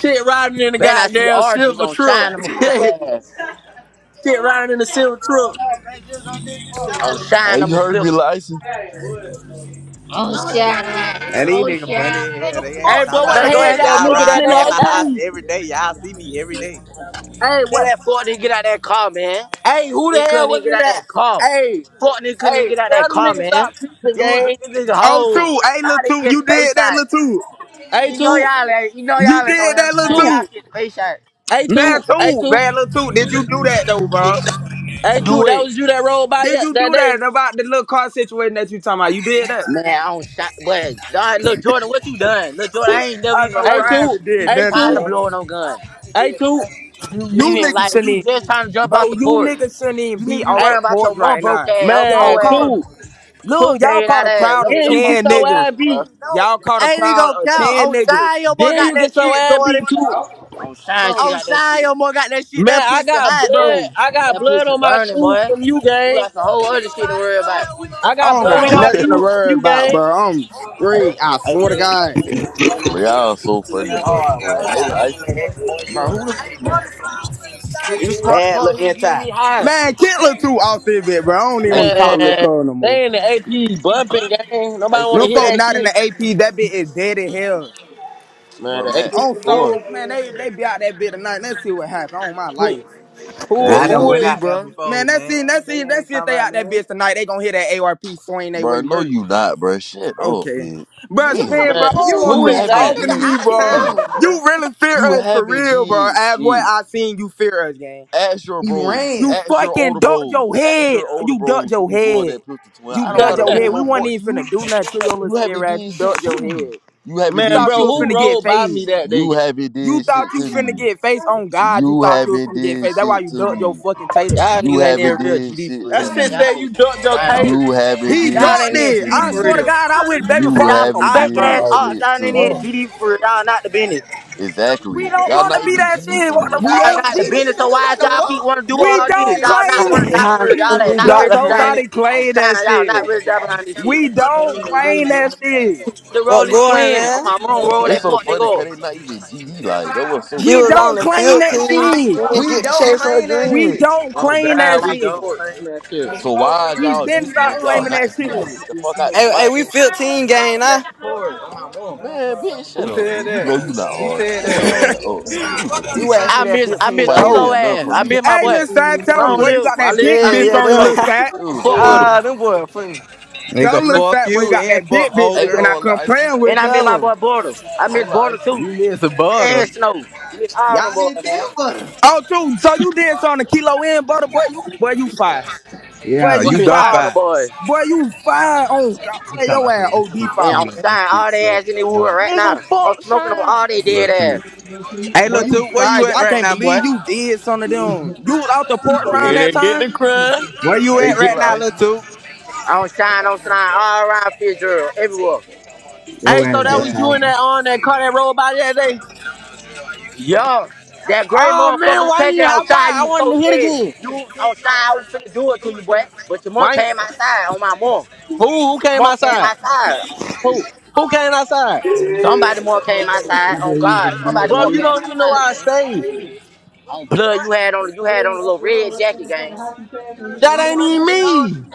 Speaker 6: Shit riding in the
Speaker 7: Then I see
Speaker 6: goddamn
Speaker 7: Arjus
Speaker 6: silver
Speaker 7: on
Speaker 6: truck.
Speaker 7: Shine,
Speaker 6: [LAUGHS]
Speaker 7: I'ma flip
Speaker 6: Shit
Speaker 7: her
Speaker 6: riding in the silver truck.
Speaker 7: ass. On Shine,
Speaker 4: Hey, you
Speaker 7: I'ma
Speaker 4: heard
Speaker 7: flip
Speaker 4: me,
Speaker 7: her.
Speaker 4: La Icy.
Speaker 1: Oh, shit.
Speaker 3: and these
Speaker 1: Oh,
Speaker 3: nigga
Speaker 1: shit.
Speaker 3: funny as hell.
Speaker 1: Nigga,
Speaker 3: They ain't
Speaker 6: Hey, boy,
Speaker 3: talking
Speaker 6: what the
Speaker 7: Better
Speaker 3: about
Speaker 7: go
Speaker 6: hell
Speaker 3: shit.
Speaker 7: ask
Speaker 1: nigga.
Speaker 7: that
Speaker 6: y'all
Speaker 3: Y'all
Speaker 7: nigga
Speaker 6: bumping
Speaker 7: that
Speaker 3: ride
Speaker 6: in
Speaker 3: past
Speaker 7: that
Speaker 3: my
Speaker 7: died.
Speaker 3: house
Speaker 6: the AP?
Speaker 3: every day. Y'all see me every day.
Speaker 6: Hey,
Speaker 7: Tell
Speaker 6: what?
Speaker 7: that fuck nigga get out that car, man.
Speaker 6: Hey, who the
Speaker 7: Nigga
Speaker 6: hell
Speaker 7: couldn't even
Speaker 6: was
Speaker 7: get
Speaker 6: in
Speaker 7: out
Speaker 6: that?
Speaker 7: that car.
Speaker 6: Hey,
Speaker 7: Fuck nigga couldn't even
Speaker 6: hey,
Speaker 7: get out
Speaker 6: tell
Speaker 7: that
Speaker 6: them
Speaker 7: car,
Speaker 6: niggas
Speaker 7: man.
Speaker 6: stop creeping,
Speaker 7: You was
Speaker 6: gang.
Speaker 7: a nigga
Speaker 5: Oh
Speaker 7: hoe.
Speaker 5: two, hey
Speaker 7: Y'all
Speaker 5: little
Speaker 7: didn't
Speaker 5: two, you
Speaker 7: get the face
Speaker 5: did that
Speaker 7: shot.
Speaker 5: little two.
Speaker 6: Hey,
Speaker 7: You know
Speaker 6: two,
Speaker 7: y'all ain't, you know
Speaker 5: You
Speaker 7: y'all ain't
Speaker 5: did
Speaker 7: on
Speaker 5: that little
Speaker 7: nothing.
Speaker 6: two,
Speaker 7: Y'all
Speaker 5: too.
Speaker 7: get the face shot.
Speaker 6: hey,
Speaker 5: Now
Speaker 6: two, hey,
Speaker 5: too,
Speaker 6: two,
Speaker 5: bad little too. Did you do that though, bro?
Speaker 6: hey, two.
Speaker 7: Do
Speaker 6: That
Speaker 7: it.
Speaker 6: was you that rolled by
Speaker 5: Did
Speaker 6: yet
Speaker 5: you
Speaker 6: that
Speaker 5: do that
Speaker 6: day.
Speaker 5: about the little car situation that you talking about? You did that.
Speaker 7: Man, I don't shot, but all right, look, Jordan, what you done? Look, Jordan, I ain't never
Speaker 5: I
Speaker 7: even
Speaker 5: know,
Speaker 7: heard
Speaker 5: bro.
Speaker 6: Hey,
Speaker 7: of you
Speaker 5: I
Speaker 6: two,
Speaker 5: haven't did
Speaker 7: even
Speaker 6: hey,
Speaker 5: nothing,
Speaker 7: trying to
Speaker 6: two,
Speaker 5: bro.
Speaker 7: blow no gun.
Speaker 6: hey, two,
Speaker 5: You, you
Speaker 7: Even
Speaker 5: niggas
Speaker 7: like
Speaker 5: shouldn't,
Speaker 7: you
Speaker 5: even,
Speaker 7: just trying to jump
Speaker 5: bro.
Speaker 7: out the
Speaker 5: You
Speaker 7: porch.
Speaker 5: niggas shouldn't even
Speaker 7: You need
Speaker 5: be
Speaker 7: to be
Speaker 5: out
Speaker 6: hey,
Speaker 5: the
Speaker 7: worrying about your
Speaker 5: porch
Speaker 7: mom
Speaker 5: right
Speaker 7: broke
Speaker 5: now.
Speaker 7: ass, her
Speaker 5: Y'all
Speaker 6: man,
Speaker 7: poor
Speaker 5: caught a
Speaker 6: two,
Speaker 7: ass,
Speaker 5: look.
Speaker 6: two.
Speaker 5: Y'all
Speaker 7: jade
Speaker 5: caught
Speaker 7: out
Speaker 5: a
Speaker 7: ass.
Speaker 5: crowd of
Speaker 7: Yo,
Speaker 6: Then you
Speaker 7: your
Speaker 6: get
Speaker 7: mama
Speaker 5: ten
Speaker 6: your
Speaker 7: jade out,
Speaker 5: niggas.
Speaker 6: ass beat.
Speaker 7: bro.
Speaker 5: Y'all caught a crowd of ten niggas,
Speaker 6: Then you get your ass beat too.
Speaker 7: On shine, she
Speaker 5: bro,
Speaker 7: got that that shit. mom
Speaker 6: Man, I got
Speaker 7: boy.
Speaker 6: blood.
Speaker 5: bro.
Speaker 6: I got
Speaker 7: That
Speaker 6: blood
Speaker 7: pussy
Speaker 6: on my
Speaker 7: burning,
Speaker 6: shoes
Speaker 7: boy.
Speaker 6: from you,
Speaker 7: You
Speaker 6: gang.
Speaker 7: got some whole other shit to worry about.
Speaker 6: I
Speaker 5: I
Speaker 6: got
Speaker 5: don't
Speaker 7: No,
Speaker 6: blood
Speaker 7: we
Speaker 5: got
Speaker 6: on my
Speaker 7: don't
Speaker 4: [LAUGHS]
Speaker 5: nothing
Speaker 7: get
Speaker 5: to
Speaker 6: shoes
Speaker 7: no.
Speaker 6: from
Speaker 5: worry
Speaker 6: you,
Speaker 5: about,
Speaker 6: gang.
Speaker 5: bro. I'm straight. I
Speaker 7: Hey, for
Speaker 5: swear to
Speaker 7: hey,
Speaker 5: God.
Speaker 4: Bro, y'all so funny, bro. Man, Ayla Icy.
Speaker 2: Bro, who the f-
Speaker 7: You smoke
Speaker 3: Bad
Speaker 7: about
Speaker 3: look
Speaker 7: he getting
Speaker 3: inside.
Speaker 7: me high.
Speaker 5: Man, Kittler too off this bit, bro. I don't even
Speaker 4: Hey,
Speaker 5: want to
Speaker 4: say
Speaker 5: talk
Speaker 4: Lil
Speaker 5: to Lil
Speaker 4: Matt.
Speaker 6: Man,
Speaker 5: Cole no more.
Speaker 6: they in the AP bumping game.
Speaker 4: Hey,
Speaker 6: Nobody want
Speaker 5: No
Speaker 4: say
Speaker 6: to hear
Speaker 5: folk
Speaker 4: Matt,
Speaker 6: that
Speaker 5: not in
Speaker 6: shit.
Speaker 5: the AP. That bit is dead in hell.
Speaker 6: Man,
Speaker 4: bro,
Speaker 6: the
Speaker 4: Matt,
Speaker 6: AP
Speaker 5: On
Speaker 6: boy.
Speaker 5: soul, man, they they be out that bit tonight. Let's see what happens. On my
Speaker 6: Who
Speaker 5: life.
Speaker 6: who
Speaker 8: Where
Speaker 3: I
Speaker 8: you
Speaker 3: done
Speaker 6: who
Speaker 8: gonna
Speaker 3: went
Speaker 8: be,
Speaker 3: out
Speaker 6: is
Speaker 3: there
Speaker 8: bro?
Speaker 5: Man,
Speaker 3: before,
Speaker 5: Let's let's see,
Speaker 3: man.
Speaker 5: let's
Speaker 3: They
Speaker 5: see, let's
Speaker 3: ain't
Speaker 5: see if
Speaker 3: talking
Speaker 5: They
Speaker 3: about
Speaker 5: out that
Speaker 3: nothing.
Speaker 5: bitch tonight. They gonna hear that ARP swing they
Speaker 4: bro.
Speaker 5: way
Speaker 4: No,
Speaker 5: murk.
Speaker 4: you not, bro. Shut up,
Speaker 5: Okay.
Speaker 4: man.
Speaker 5: Bro,
Speaker 4: Damn,
Speaker 5: Spin, bro,
Speaker 6: man?
Speaker 5: I don't
Speaker 2: You,
Speaker 5: want
Speaker 6: Who
Speaker 4: you
Speaker 5: you
Speaker 6: is
Speaker 2: Ain't
Speaker 4: haven't
Speaker 6: that?
Speaker 2: this
Speaker 5: talking
Speaker 2: nigga
Speaker 5: to
Speaker 4: did
Speaker 5: me,
Speaker 2: out of
Speaker 5: bro.
Speaker 4: shit.
Speaker 2: town, bro.
Speaker 5: You really fear
Speaker 4: You
Speaker 5: us for
Speaker 4: haven't
Speaker 5: real, bro.
Speaker 4: did
Speaker 5: As what
Speaker 4: shit.
Speaker 5: I seen you fear us, gang.
Speaker 4: Ask your
Speaker 2: He
Speaker 4: bros.
Speaker 5: You
Speaker 2: ran.
Speaker 4: Ask your
Speaker 5: fucking
Speaker 4: older
Speaker 5: ducked
Speaker 4: bros.
Speaker 5: your
Speaker 4: Ask
Speaker 5: head.
Speaker 4: your older
Speaker 5: You ducked
Speaker 4: bros who
Speaker 5: your
Speaker 4: be blowing
Speaker 5: head.
Speaker 4: that pistol twin.
Speaker 5: You
Speaker 4: I don't
Speaker 6: [LAUGHS]
Speaker 5: ducked
Speaker 4: gotta
Speaker 5: your head.
Speaker 4: prove
Speaker 5: We
Speaker 4: no
Speaker 5: wasn't
Speaker 8: Man,
Speaker 4: point to
Speaker 5: even finna
Speaker 4: you.
Speaker 5: do nothing to your little
Speaker 4: You
Speaker 5: scare
Speaker 4: haven't
Speaker 5: ass. You
Speaker 4: did shit
Speaker 5: ducked
Speaker 4: to
Speaker 5: your
Speaker 4: me.
Speaker 5: head.
Speaker 4: You haven't
Speaker 5: You
Speaker 6: man,
Speaker 4: did
Speaker 5: thought
Speaker 6: bro,
Speaker 5: you
Speaker 4: shit
Speaker 5: were
Speaker 4: to
Speaker 6: who
Speaker 5: finna
Speaker 4: me.
Speaker 5: get
Speaker 6: rolled by me
Speaker 5: phased.
Speaker 6: that day?
Speaker 4: You
Speaker 6: gang?
Speaker 4: haven't
Speaker 5: You
Speaker 4: did
Speaker 5: thought
Speaker 4: shit
Speaker 5: you
Speaker 4: to
Speaker 5: finna
Speaker 4: me.
Speaker 5: get phased. On God, you
Speaker 4: You
Speaker 5: thought you were
Speaker 4: haven't
Speaker 5: finna get
Speaker 4: did
Speaker 5: phased. That's why
Speaker 4: shit
Speaker 5: you
Speaker 4: to
Speaker 5: ducked your
Speaker 4: me.
Speaker 5: fucking tater.
Speaker 7: Y'all
Speaker 4: You
Speaker 7: niggas ain't
Speaker 4: haven't
Speaker 7: even real
Speaker 4: did
Speaker 7: GD for
Speaker 4: shit
Speaker 6: That
Speaker 4: to
Speaker 7: real, man.
Speaker 6: shit
Speaker 7: Y'all
Speaker 4: me.
Speaker 6: said
Speaker 7: niggas
Speaker 6: you ducked
Speaker 7: some
Speaker 6: your
Speaker 7: clowns.
Speaker 6: tater.
Speaker 4: You haven't
Speaker 5: He
Speaker 4: did
Speaker 7: Y'all
Speaker 5: ducked
Speaker 7: ain't
Speaker 4: shit
Speaker 7: even
Speaker 5: it.
Speaker 4: to
Speaker 7: GD
Speaker 5: I
Speaker 7: for
Speaker 5: swear to
Speaker 4: me.
Speaker 7: real.
Speaker 5: God, I wish Baby
Speaker 4: You
Speaker 5: Fox
Speaker 7: Y'all
Speaker 5: was
Speaker 7: some
Speaker 4: haven't
Speaker 5: alright,
Speaker 7: fake ass
Speaker 5: bro.
Speaker 4: did
Speaker 7: ops.
Speaker 4: shit
Speaker 7: Y'all
Speaker 4: to
Speaker 7: ain't even
Speaker 4: me.
Speaker 7: GD for real. Y'all not the business.
Speaker 5: We
Speaker 4: Exactly.
Speaker 5: don't
Speaker 4: Y'all
Speaker 5: want to
Speaker 4: not
Speaker 5: be
Speaker 4: even
Speaker 5: that
Speaker 4: GD
Speaker 5: shit.
Speaker 4: for
Speaker 5: What the
Speaker 4: real.
Speaker 2: We
Speaker 5: fuck?
Speaker 7: Y'all
Speaker 2: ain't
Speaker 7: not the
Speaker 2: GD,
Speaker 7: business, so
Speaker 2: nigga.
Speaker 7: why
Speaker 2: What
Speaker 7: is
Speaker 2: the
Speaker 7: y'all keep
Speaker 2: fuck?
Speaker 7: want to do
Speaker 5: We
Speaker 7: all this?
Speaker 5: don't
Speaker 7: Y'all not
Speaker 9: Behind
Speaker 5: claim
Speaker 7: want to die
Speaker 5: it.
Speaker 7: for
Speaker 9: hired the
Speaker 7: real.
Speaker 9: funny,
Speaker 7: Y'all ain't
Speaker 9: we
Speaker 5: [LAUGHS]
Speaker 7: not
Speaker 5: don't
Speaker 9: dropped
Speaker 7: ready
Speaker 9: a
Speaker 7: to die.
Speaker 9: hundred.
Speaker 5: nobody
Speaker 7: I'm
Speaker 5: claim that
Speaker 7: trying, y'all
Speaker 5: shit.
Speaker 7: not ready to die behind this shit.
Speaker 5: We don't claim that shit.
Speaker 7: The
Speaker 9: But
Speaker 7: Rolling
Speaker 9: going,
Speaker 7: Twin on
Speaker 9: man.
Speaker 7: my mom, roll that
Speaker 4: It's so
Speaker 7: fuck
Speaker 4: funny
Speaker 7: nigga
Speaker 4: because
Speaker 7: up.
Speaker 4: they not even GD. Like, that was so
Speaker 9: She
Speaker 5: We
Speaker 4: funny
Speaker 9: was
Speaker 4: about
Speaker 9: on
Speaker 5: don't
Speaker 9: the
Speaker 4: this shit.
Speaker 5: claim that
Speaker 9: 15.
Speaker 5: shit.
Speaker 9: She didn't
Speaker 2: We
Speaker 9: get to
Speaker 2: don't
Speaker 9: chase her
Speaker 2: claim that
Speaker 5: We
Speaker 9: dream.
Speaker 2: shit.
Speaker 5: don't
Speaker 6: Oh
Speaker 5: claim
Speaker 7: For
Speaker 5: that
Speaker 6: God,
Speaker 7: my
Speaker 6: we
Speaker 5: shit.
Speaker 6: don't
Speaker 7: support,
Speaker 6: claim
Speaker 7: nigga.
Speaker 6: that shit.
Speaker 4: So why is
Speaker 5: We
Speaker 4: y'all
Speaker 5: been
Speaker 4: dissing if
Speaker 5: start
Speaker 4: y'all
Speaker 5: claiming
Speaker 4: not
Speaker 5: that shit.
Speaker 4: GD? Get the fuck out the
Speaker 9: Hey, hey,
Speaker 4: spot.
Speaker 9: we 15
Speaker 7: Take me
Speaker 9: gang now.
Speaker 7: back to court on my mom.
Speaker 4: Man, bitch, shut
Speaker 8: who
Speaker 4: up,
Speaker 8: said
Speaker 4: bitch. You know
Speaker 8: that?
Speaker 4: you not
Speaker 8: Who
Speaker 4: hard.
Speaker 8: said
Speaker 4: Shut your
Speaker 8: that?
Speaker 4: ass up. You was a
Speaker 9: We
Speaker 4: bitch.
Speaker 9: were
Speaker 7: I
Speaker 9: shit at
Speaker 7: miss, I
Speaker 9: 15
Speaker 7: miss
Speaker 9: years
Speaker 4: Nobody wanna
Speaker 7: Kilo
Speaker 9: old.
Speaker 4: hear nothing
Speaker 7: ass.
Speaker 4: from
Speaker 7: I
Speaker 4: you.
Speaker 7: miss my
Speaker 5: Hey, little
Speaker 7: boy.
Speaker 5: side, tell them
Speaker 7: Long
Speaker 5: boy you
Speaker 7: live him.
Speaker 5: got
Speaker 7: I,
Speaker 5: that
Speaker 7: li-
Speaker 5: big
Speaker 7: I
Speaker 9: Yeah,
Speaker 5: bitch
Speaker 7: miss
Speaker 9: yeah,
Speaker 5: on you,
Speaker 7: Kilo.
Speaker 5: little
Speaker 9: that
Speaker 5: side.
Speaker 4: You
Speaker 7: To
Speaker 4: was
Speaker 9: [LAUGHS]
Speaker 4: a
Speaker 7: fuck with him.
Speaker 4: hoe.
Speaker 9: ah, them boy funny.
Speaker 5: Tell
Speaker 3: Nigga,
Speaker 5: them
Speaker 6: Man,
Speaker 5: little
Speaker 3: fuck
Speaker 5: side boy you
Speaker 3: you
Speaker 5: got
Speaker 3: and
Speaker 5: that
Speaker 3: fuck
Speaker 5: big bitch.
Speaker 3: old
Speaker 5: They
Speaker 4: Hey,
Speaker 5: been
Speaker 3: girl.
Speaker 5: out
Speaker 4: on La
Speaker 5: come
Speaker 4: Icy.
Speaker 5: playing
Speaker 7: And
Speaker 5: with
Speaker 7: I
Speaker 5: you.
Speaker 7: miss my
Speaker 9: Tell 'em.
Speaker 7: boy Border. I
Speaker 4: Hey,
Speaker 7: miss
Speaker 4: La
Speaker 7: Border
Speaker 4: Icy.
Speaker 7: too.
Speaker 3: You miss a
Speaker 7: And
Speaker 3: butter.
Speaker 7: Snow. Miss all them
Speaker 2: Y'all didn't
Speaker 7: boys,
Speaker 2: kill
Speaker 7: man.
Speaker 2: butter.
Speaker 5: Oh, too. So you did something to kilo in, butter boy. You boy you fire. Boy
Speaker 3: Yeah,
Speaker 5: you
Speaker 3: you
Speaker 6: what?
Speaker 7: Miss
Speaker 3: done
Speaker 7: all
Speaker 5: fire.
Speaker 7: them
Speaker 3: fine.
Speaker 7: boys.
Speaker 5: Boy you fire on God.
Speaker 3: You
Speaker 5: Boy
Speaker 3: talking
Speaker 5: your
Speaker 3: about
Speaker 5: ass
Speaker 3: some
Speaker 5: OD
Speaker 3: recipe
Speaker 7: And
Speaker 5: fire
Speaker 7: I'm
Speaker 3: keto
Speaker 5: boy.
Speaker 7: shining
Speaker 3: recipe
Speaker 7: all their
Speaker 3: go
Speaker 7: ass in
Speaker 3: near
Speaker 7: the wood
Speaker 3: bar.
Speaker 7: right
Speaker 1: Nigga,
Speaker 7: now.
Speaker 1: fuck
Speaker 7: I'm smoking on all
Speaker 1: Sean.
Speaker 7: they
Speaker 3: Little
Speaker 7: dead
Speaker 3: two.
Speaker 7: ass.
Speaker 3: Hey
Speaker 5: Boy
Speaker 3: little
Speaker 5: you
Speaker 3: two, where
Speaker 5: fire.
Speaker 3: you at
Speaker 5: I
Speaker 3: right
Speaker 5: can't
Speaker 3: now, boy?
Speaker 5: believe you did something to them. You was out the porch around
Speaker 6: Then they
Speaker 5: that
Speaker 6: get
Speaker 5: time.
Speaker 6: the crime.
Speaker 3: Where you
Speaker 4: Hey,
Speaker 6: They
Speaker 3: at
Speaker 4: say
Speaker 6: get.
Speaker 3: right
Speaker 4: La
Speaker 3: now, little
Speaker 4: Icy.
Speaker 3: two?
Speaker 7: I'm shining, I'm shining all around Fitzgerald, everywhere.
Speaker 3: Your
Speaker 6: Hey, so
Speaker 3: ass
Speaker 6: that
Speaker 3: just
Speaker 6: was
Speaker 2: Man,
Speaker 6: you in
Speaker 3: talking.
Speaker 6: that on that car that rolled by that day?
Speaker 7: Yo, that gray
Speaker 6: Oh man,
Speaker 7: motherfucking
Speaker 6: why
Speaker 7: Apache
Speaker 6: you hop
Speaker 7: on
Speaker 6: out?
Speaker 7: shine,
Speaker 6: I
Speaker 7: you was so
Speaker 6: wanted to hit
Speaker 7: scared.
Speaker 6: again.
Speaker 7: You on shine, I was finna do it to you, boy. But your mom
Speaker 6: Why? ain't-
Speaker 7: came outside on my mom.
Speaker 6: Who who
Speaker 7: Your
Speaker 6: came
Speaker 7: mom came
Speaker 6: outside?
Speaker 7: outside.
Speaker 6: Who who came outside?
Speaker 7: Somebody more came outside on God. Somebody
Speaker 6: Bro,
Speaker 7: more
Speaker 6: you
Speaker 7: came
Speaker 6: don't even know
Speaker 7: outside,
Speaker 6: why I
Speaker 7: gang.
Speaker 6: stayed.
Speaker 7: On blood you had on you had on a little red jacket, gang.
Speaker 6: That
Speaker 7: And
Speaker 6: ain't even me.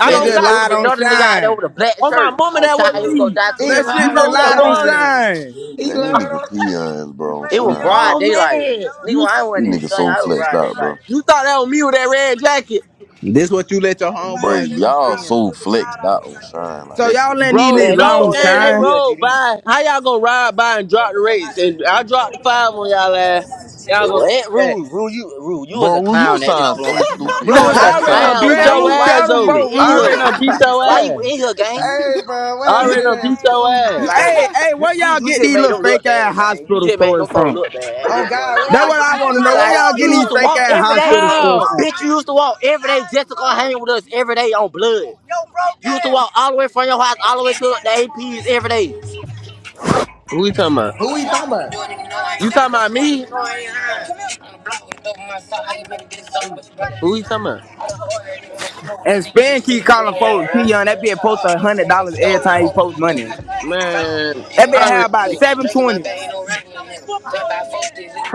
Speaker 6: I
Speaker 5: Shit
Speaker 7: it,
Speaker 6: don't
Speaker 5: just
Speaker 6: got
Speaker 7: it was
Speaker 5: lied on
Speaker 7: another nigga out there
Speaker 5: shine.
Speaker 7: with a black
Speaker 6: on my
Speaker 7: shirt
Speaker 6: mama,
Speaker 7: on
Speaker 6: that
Speaker 7: shine.
Speaker 6: wasn't
Speaker 7: He was gonna
Speaker 6: me.
Speaker 7: die
Speaker 2: he
Speaker 7: too.
Speaker 5: That
Speaker 6: You
Speaker 5: shit
Speaker 2: learned
Speaker 6: know
Speaker 5: just
Speaker 2: on
Speaker 6: who that
Speaker 5: lied on
Speaker 6: was?
Speaker 2: time.
Speaker 5: shine.
Speaker 2: He
Speaker 4: Man, these
Speaker 2: learned
Speaker 4: nigga
Speaker 2: on time.
Speaker 4: peons, bro, on
Speaker 7: It was
Speaker 4: shine, bro.
Speaker 7: broad
Speaker 6: Oh
Speaker 7: daylight.
Speaker 6: man.
Speaker 7: Nigga,
Speaker 6: You
Speaker 7: when
Speaker 6: see
Speaker 7: I went
Speaker 4: These
Speaker 7: in
Speaker 4: niggas
Speaker 7: sun,
Speaker 4: so
Speaker 7: I was
Speaker 4: flexed
Speaker 7: broad
Speaker 4: out,
Speaker 7: daylight.
Speaker 4: bro.
Speaker 6: you thought that was me with that red jacket.
Speaker 3: This what you let your
Speaker 4: Bro,
Speaker 3: homeboy do
Speaker 4: y'all
Speaker 3: spin.
Speaker 4: so flexed out on shine. Like,
Speaker 5: So
Speaker 4: that
Speaker 5: y'all
Speaker 4: shit
Speaker 5: letting
Speaker 4: so
Speaker 5: these
Speaker 6: Bro,
Speaker 5: niggas
Speaker 7: Man,
Speaker 4: crazy.
Speaker 7: these
Speaker 6: no
Speaker 5: long
Speaker 7: folks ain't
Speaker 6: gang, they
Speaker 7: in
Speaker 5: shine.
Speaker 7: real
Speaker 6: rode
Speaker 7: GD.
Speaker 6: by. How y'all gonna ride by and drop the rates? And I dropped the five on y'all ass. Y'all gonna
Speaker 7: What,
Speaker 6: spin back.
Speaker 7: Rue? Rue, you, Rue, you was a
Speaker 4: Bro, you
Speaker 7: clown at this
Speaker 4: sound so
Speaker 7: point.
Speaker 4: stupid,
Speaker 7: You
Speaker 6: Bro,
Speaker 5: [LAUGHS]
Speaker 7: was
Speaker 4: bitch.
Speaker 7: a
Speaker 4: You
Speaker 6: I already done
Speaker 4: sound
Speaker 7: clown,
Speaker 4: dumb
Speaker 6: beat
Speaker 5: Red
Speaker 4: as
Speaker 6: your
Speaker 7: gang.
Speaker 4: fuck.
Speaker 5: Rooster,
Speaker 7: Why
Speaker 6: ass
Speaker 7: is
Speaker 5: tell
Speaker 7: you
Speaker 5: them
Speaker 7: even
Speaker 6: though.
Speaker 5: folk,
Speaker 7: in
Speaker 6: I
Speaker 5: Rooster.
Speaker 6: already
Speaker 7: here?
Speaker 6: done beat
Speaker 5: [LAUGHS]
Speaker 6: your
Speaker 7: Why you
Speaker 6: ass.
Speaker 7: in here, gang?
Speaker 2: Hey, bro, what
Speaker 6: I
Speaker 2: happened
Speaker 6: already
Speaker 2: to
Speaker 6: done
Speaker 2: that
Speaker 6: beat your
Speaker 2: school?
Speaker 6: ass.
Speaker 7: Like,
Speaker 5: hey, hey, where
Speaker 7: you,
Speaker 5: y'all
Speaker 7: you
Speaker 5: get
Speaker 7: just
Speaker 5: these
Speaker 7: made
Speaker 5: little
Speaker 7: them look
Speaker 5: fake ass
Speaker 7: bad, gang. You
Speaker 5: hospital
Speaker 7: just made them
Speaker 5: stories
Speaker 7: folks
Speaker 5: from?
Speaker 7: look bad at
Speaker 2: Oh
Speaker 7: this
Speaker 2: God,
Speaker 7: point.
Speaker 2: where
Speaker 5: That's
Speaker 2: y'all
Speaker 5: what
Speaker 2: get
Speaker 5: I
Speaker 2: these
Speaker 5: want to
Speaker 2: fake
Speaker 5: know. Where
Speaker 2: ass
Speaker 7: Like
Speaker 5: y'all
Speaker 2: hospital
Speaker 7: you
Speaker 5: getting
Speaker 7: used
Speaker 5: these
Speaker 7: to
Speaker 2: stories
Speaker 5: fake
Speaker 7: walk
Speaker 2: from?
Speaker 5: ass
Speaker 7: every day.
Speaker 5: hospital stories
Speaker 6: How?
Speaker 5: from?
Speaker 7: Bitch, you used to walk every day just to come hang with us every day on blood. You used to walk all the way from your house all the way to the APs every
Speaker 6: Who you talking about?
Speaker 2: Who we talking about?
Speaker 6: You talking about me? Who you
Speaker 7: day.
Speaker 6: talking about?
Speaker 7: But the
Speaker 5: And Span keep calling folks P Young. That bitch post a hundred dollars every time he post money.
Speaker 6: Man,
Speaker 5: That bitch
Speaker 6: I already
Speaker 5: have about
Speaker 6: beat.
Speaker 5: seven twenties.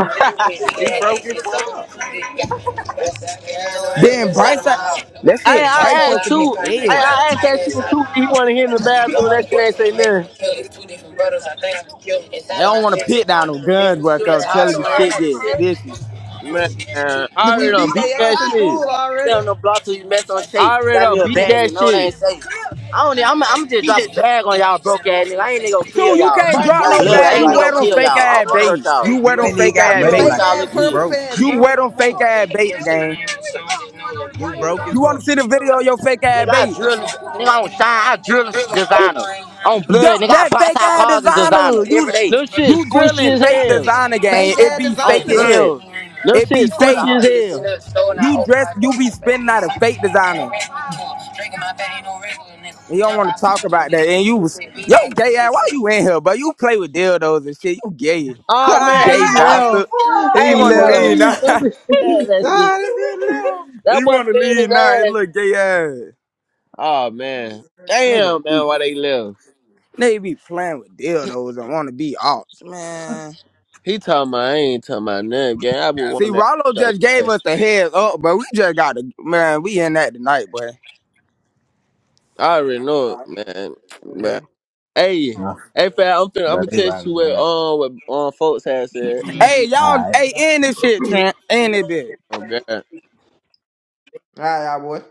Speaker 3: [LAUGHS] he broke his fuck.
Speaker 5: Then Bryce, that that
Speaker 6: I
Speaker 5: shit
Speaker 7: cash
Speaker 5: Bryce
Speaker 7: so
Speaker 6: I
Speaker 5: supposed
Speaker 6: asked
Speaker 5: to
Speaker 7: loud, they
Speaker 5: be
Speaker 6: too.
Speaker 7: probably think
Speaker 6: I,
Speaker 7: I
Speaker 5: dead.
Speaker 7: got a
Speaker 6: I asked
Speaker 7: tiger
Speaker 6: that shit
Speaker 7: inside
Speaker 6: too. Did he want to hit in the bathroom? That
Speaker 7: Dog,
Speaker 6: shit
Speaker 7: boy,
Speaker 6: ain't say
Speaker 7: they make him a
Speaker 6: nothing.
Speaker 7: It's two different brothers, I think I'm killed.
Speaker 5: They
Speaker 7: Inside of my
Speaker 5: don't want to
Speaker 7: city, they
Speaker 5: pit
Speaker 7: call
Speaker 5: down no
Speaker 7: me the
Speaker 5: guns,
Speaker 7: villain.
Speaker 5: bro. i
Speaker 7: That's
Speaker 5: I'm
Speaker 7: how I
Speaker 5: telling you,
Speaker 7: surround
Speaker 5: shit get vicious.
Speaker 6: Man,
Speaker 7: the
Speaker 6: I
Speaker 2: Did
Speaker 6: already
Speaker 2: we
Speaker 7: city.
Speaker 6: done
Speaker 2: beat
Speaker 6: beat
Speaker 2: their
Speaker 6: that
Speaker 2: ass in
Speaker 6: shit.
Speaker 2: school
Speaker 7: Stay
Speaker 2: already?
Speaker 7: on the block till you mess on shape.
Speaker 6: I already
Speaker 7: Got me
Speaker 6: done
Speaker 7: a
Speaker 6: beat
Speaker 7: bag, you
Speaker 6: that
Speaker 7: know what I
Speaker 6: shit.
Speaker 7: ain't saying. I don't. I'm. I'm just drop a bag on y'all broke ass nigga. I ain't nigga gonna kill
Speaker 5: Two, you
Speaker 7: y'all.
Speaker 5: can't
Speaker 2: Bro,
Speaker 5: drop
Speaker 7: On
Speaker 2: two,
Speaker 5: no
Speaker 2: you
Speaker 7: blood, I
Speaker 5: bag.
Speaker 2: have
Speaker 5: You
Speaker 7: ain't nigga
Speaker 2: no
Speaker 5: wear
Speaker 7: gonna
Speaker 5: them
Speaker 7: kill
Speaker 2: money.
Speaker 7: y'all.
Speaker 5: fake
Speaker 7: I
Speaker 5: ass
Speaker 7: don't wanna hurt
Speaker 5: baits.
Speaker 7: y'all.
Speaker 5: You wear
Speaker 3: You
Speaker 5: them
Speaker 3: ain't even
Speaker 5: fake
Speaker 7: I
Speaker 3: got
Speaker 5: ass
Speaker 7: grew up
Speaker 3: money
Speaker 5: baits.
Speaker 7: with
Speaker 2: Fake
Speaker 3: like
Speaker 7: y'all
Speaker 3: that.
Speaker 2: ass
Speaker 7: little
Speaker 3: You
Speaker 7: kids.
Speaker 2: purple
Speaker 3: broke.
Speaker 2: pants,
Speaker 5: You
Speaker 2: bro. with
Speaker 5: wear
Speaker 2: My
Speaker 5: them fake
Speaker 2: mom.
Speaker 5: ass baits,
Speaker 7: Nigga,
Speaker 5: gang.
Speaker 3: You broke his
Speaker 5: You want to
Speaker 3: fuck.
Speaker 5: see
Speaker 3: [LAUGHS]
Speaker 5: the video of your fake ass
Speaker 7: I drill.
Speaker 5: baits?
Speaker 7: Nigga, I don't shine. I drill designer. On blood,
Speaker 5: Don't,
Speaker 7: nigga, I
Speaker 5: that
Speaker 7: box
Speaker 5: fake
Speaker 7: out
Speaker 5: ass
Speaker 7: cars and designer
Speaker 5: designer.
Speaker 7: every
Speaker 5: You
Speaker 7: day.
Speaker 6: No shit
Speaker 5: you
Speaker 6: squishy
Speaker 5: drilling
Speaker 6: as
Speaker 5: fake
Speaker 6: hell.
Speaker 5: designer, gang.
Speaker 2: Fake
Speaker 5: It
Speaker 2: ass
Speaker 5: be
Speaker 7: On
Speaker 5: fake
Speaker 2: designer.
Speaker 5: as
Speaker 2: All
Speaker 7: blood.
Speaker 5: hell.
Speaker 6: No
Speaker 5: It be
Speaker 6: shit
Speaker 7: But I
Speaker 6: squishy
Speaker 5: fake.
Speaker 6: as
Speaker 7: already seen
Speaker 6: hell.
Speaker 7: that store and I
Speaker 5: You
Speaker 7: opened
Speaker 5: dress.
Speaker 7: my door
Speaker 5: You be
Speaker 7: and back
Speaker 5: spinning
Speaker 7: in the
Speaker 5: out a
Speaker 7: side.
Speaker 5: fake
Speaker 7: Ain't no
Speaker 5: designer.
Speaker 7: regular Drinking my thing, no regular
Speaker 5: And you
Speaker 7: nigga.
Speaker 5: don't
Speaker 7: Jump
Speaker 5: want to
Speaker 7: out for
Speaker 5: talk
Speaker 7: a few
Speaker 5: about
Speaker 7: weeks
Speaker 5: that. And
Speaker 7: and
Speaker 5: you
Speaker 7: poop
Speaker 5: was
Speaker 7: it. Mean
Speaker 5: yo
Speaker 7: ass
Speaker 5: gay ass. Why
Speaker 7: bitches.
Speaker 5: you in here? But you play with dildos and shit. You gay,
Speaker 6: Oh man,
Speaker 5: gay
Speaker 6: [LAUGHS]
Speaker 3: Ah,
Speaker 5: bastard.
Speaker 3: he left.
Speaker 6: hey,
Speaker 3: He
Speaker 5: You
Speaker 6: he
Speaker 5: want to
Speaker 6: want to
Speaker 5: leave
Speaker 3: left.
Speaker 6: leave
Speaker 5: now?
Speaker 6: so
Speaker 5: [LAUGHS]
Speaker 6: he said that shit.
Speaker 3: Ah, he left. [LAUGHS]
Speaker 6: That
Speaker 5: He
Speaker 6: boy
Speaker 5: wanna
Speaker 6: playing
Speaker 5: leave
Speaker 6: his
Speaker 5: now. His
Speaker 6: ass.
Speaker 5: little gay ass.
Speaker 6: Oh man,
Speaker 5: Nigga,
Speaker 6: damn
Speaker 5: be-
Speaker 6: man, why they left?
Speaker 5: they be playing with dildos and wanna be ops, man.
Speaker 6: He talking about I ain't talking about nothing. Gang, I would
Speaker 5: See,
Speaker 6: want that
Speaker 5: Rollo
Speaker 6: though.
Speaker 5: just gave
Speaker 6: Hey,
Speaker 5: us the heads up, but we just got to, man, we in that tonight, boy.
Speaker 6: I already know it, man. [TSK] Man, Hey, hey, fam, I'm finna, I'm gonna
Speaker 3: But they
Speaker 6: test
Speaker 3: riding
Speaker 6: you what
Speaker 3: around.
Speaker 6: um what um folks had said.
Speaker 5: Hey, y'all, hey, end this shit, Trent. End it, bitch.
Speaker 6: Oh God.
Speaker 2: right, all right, boy.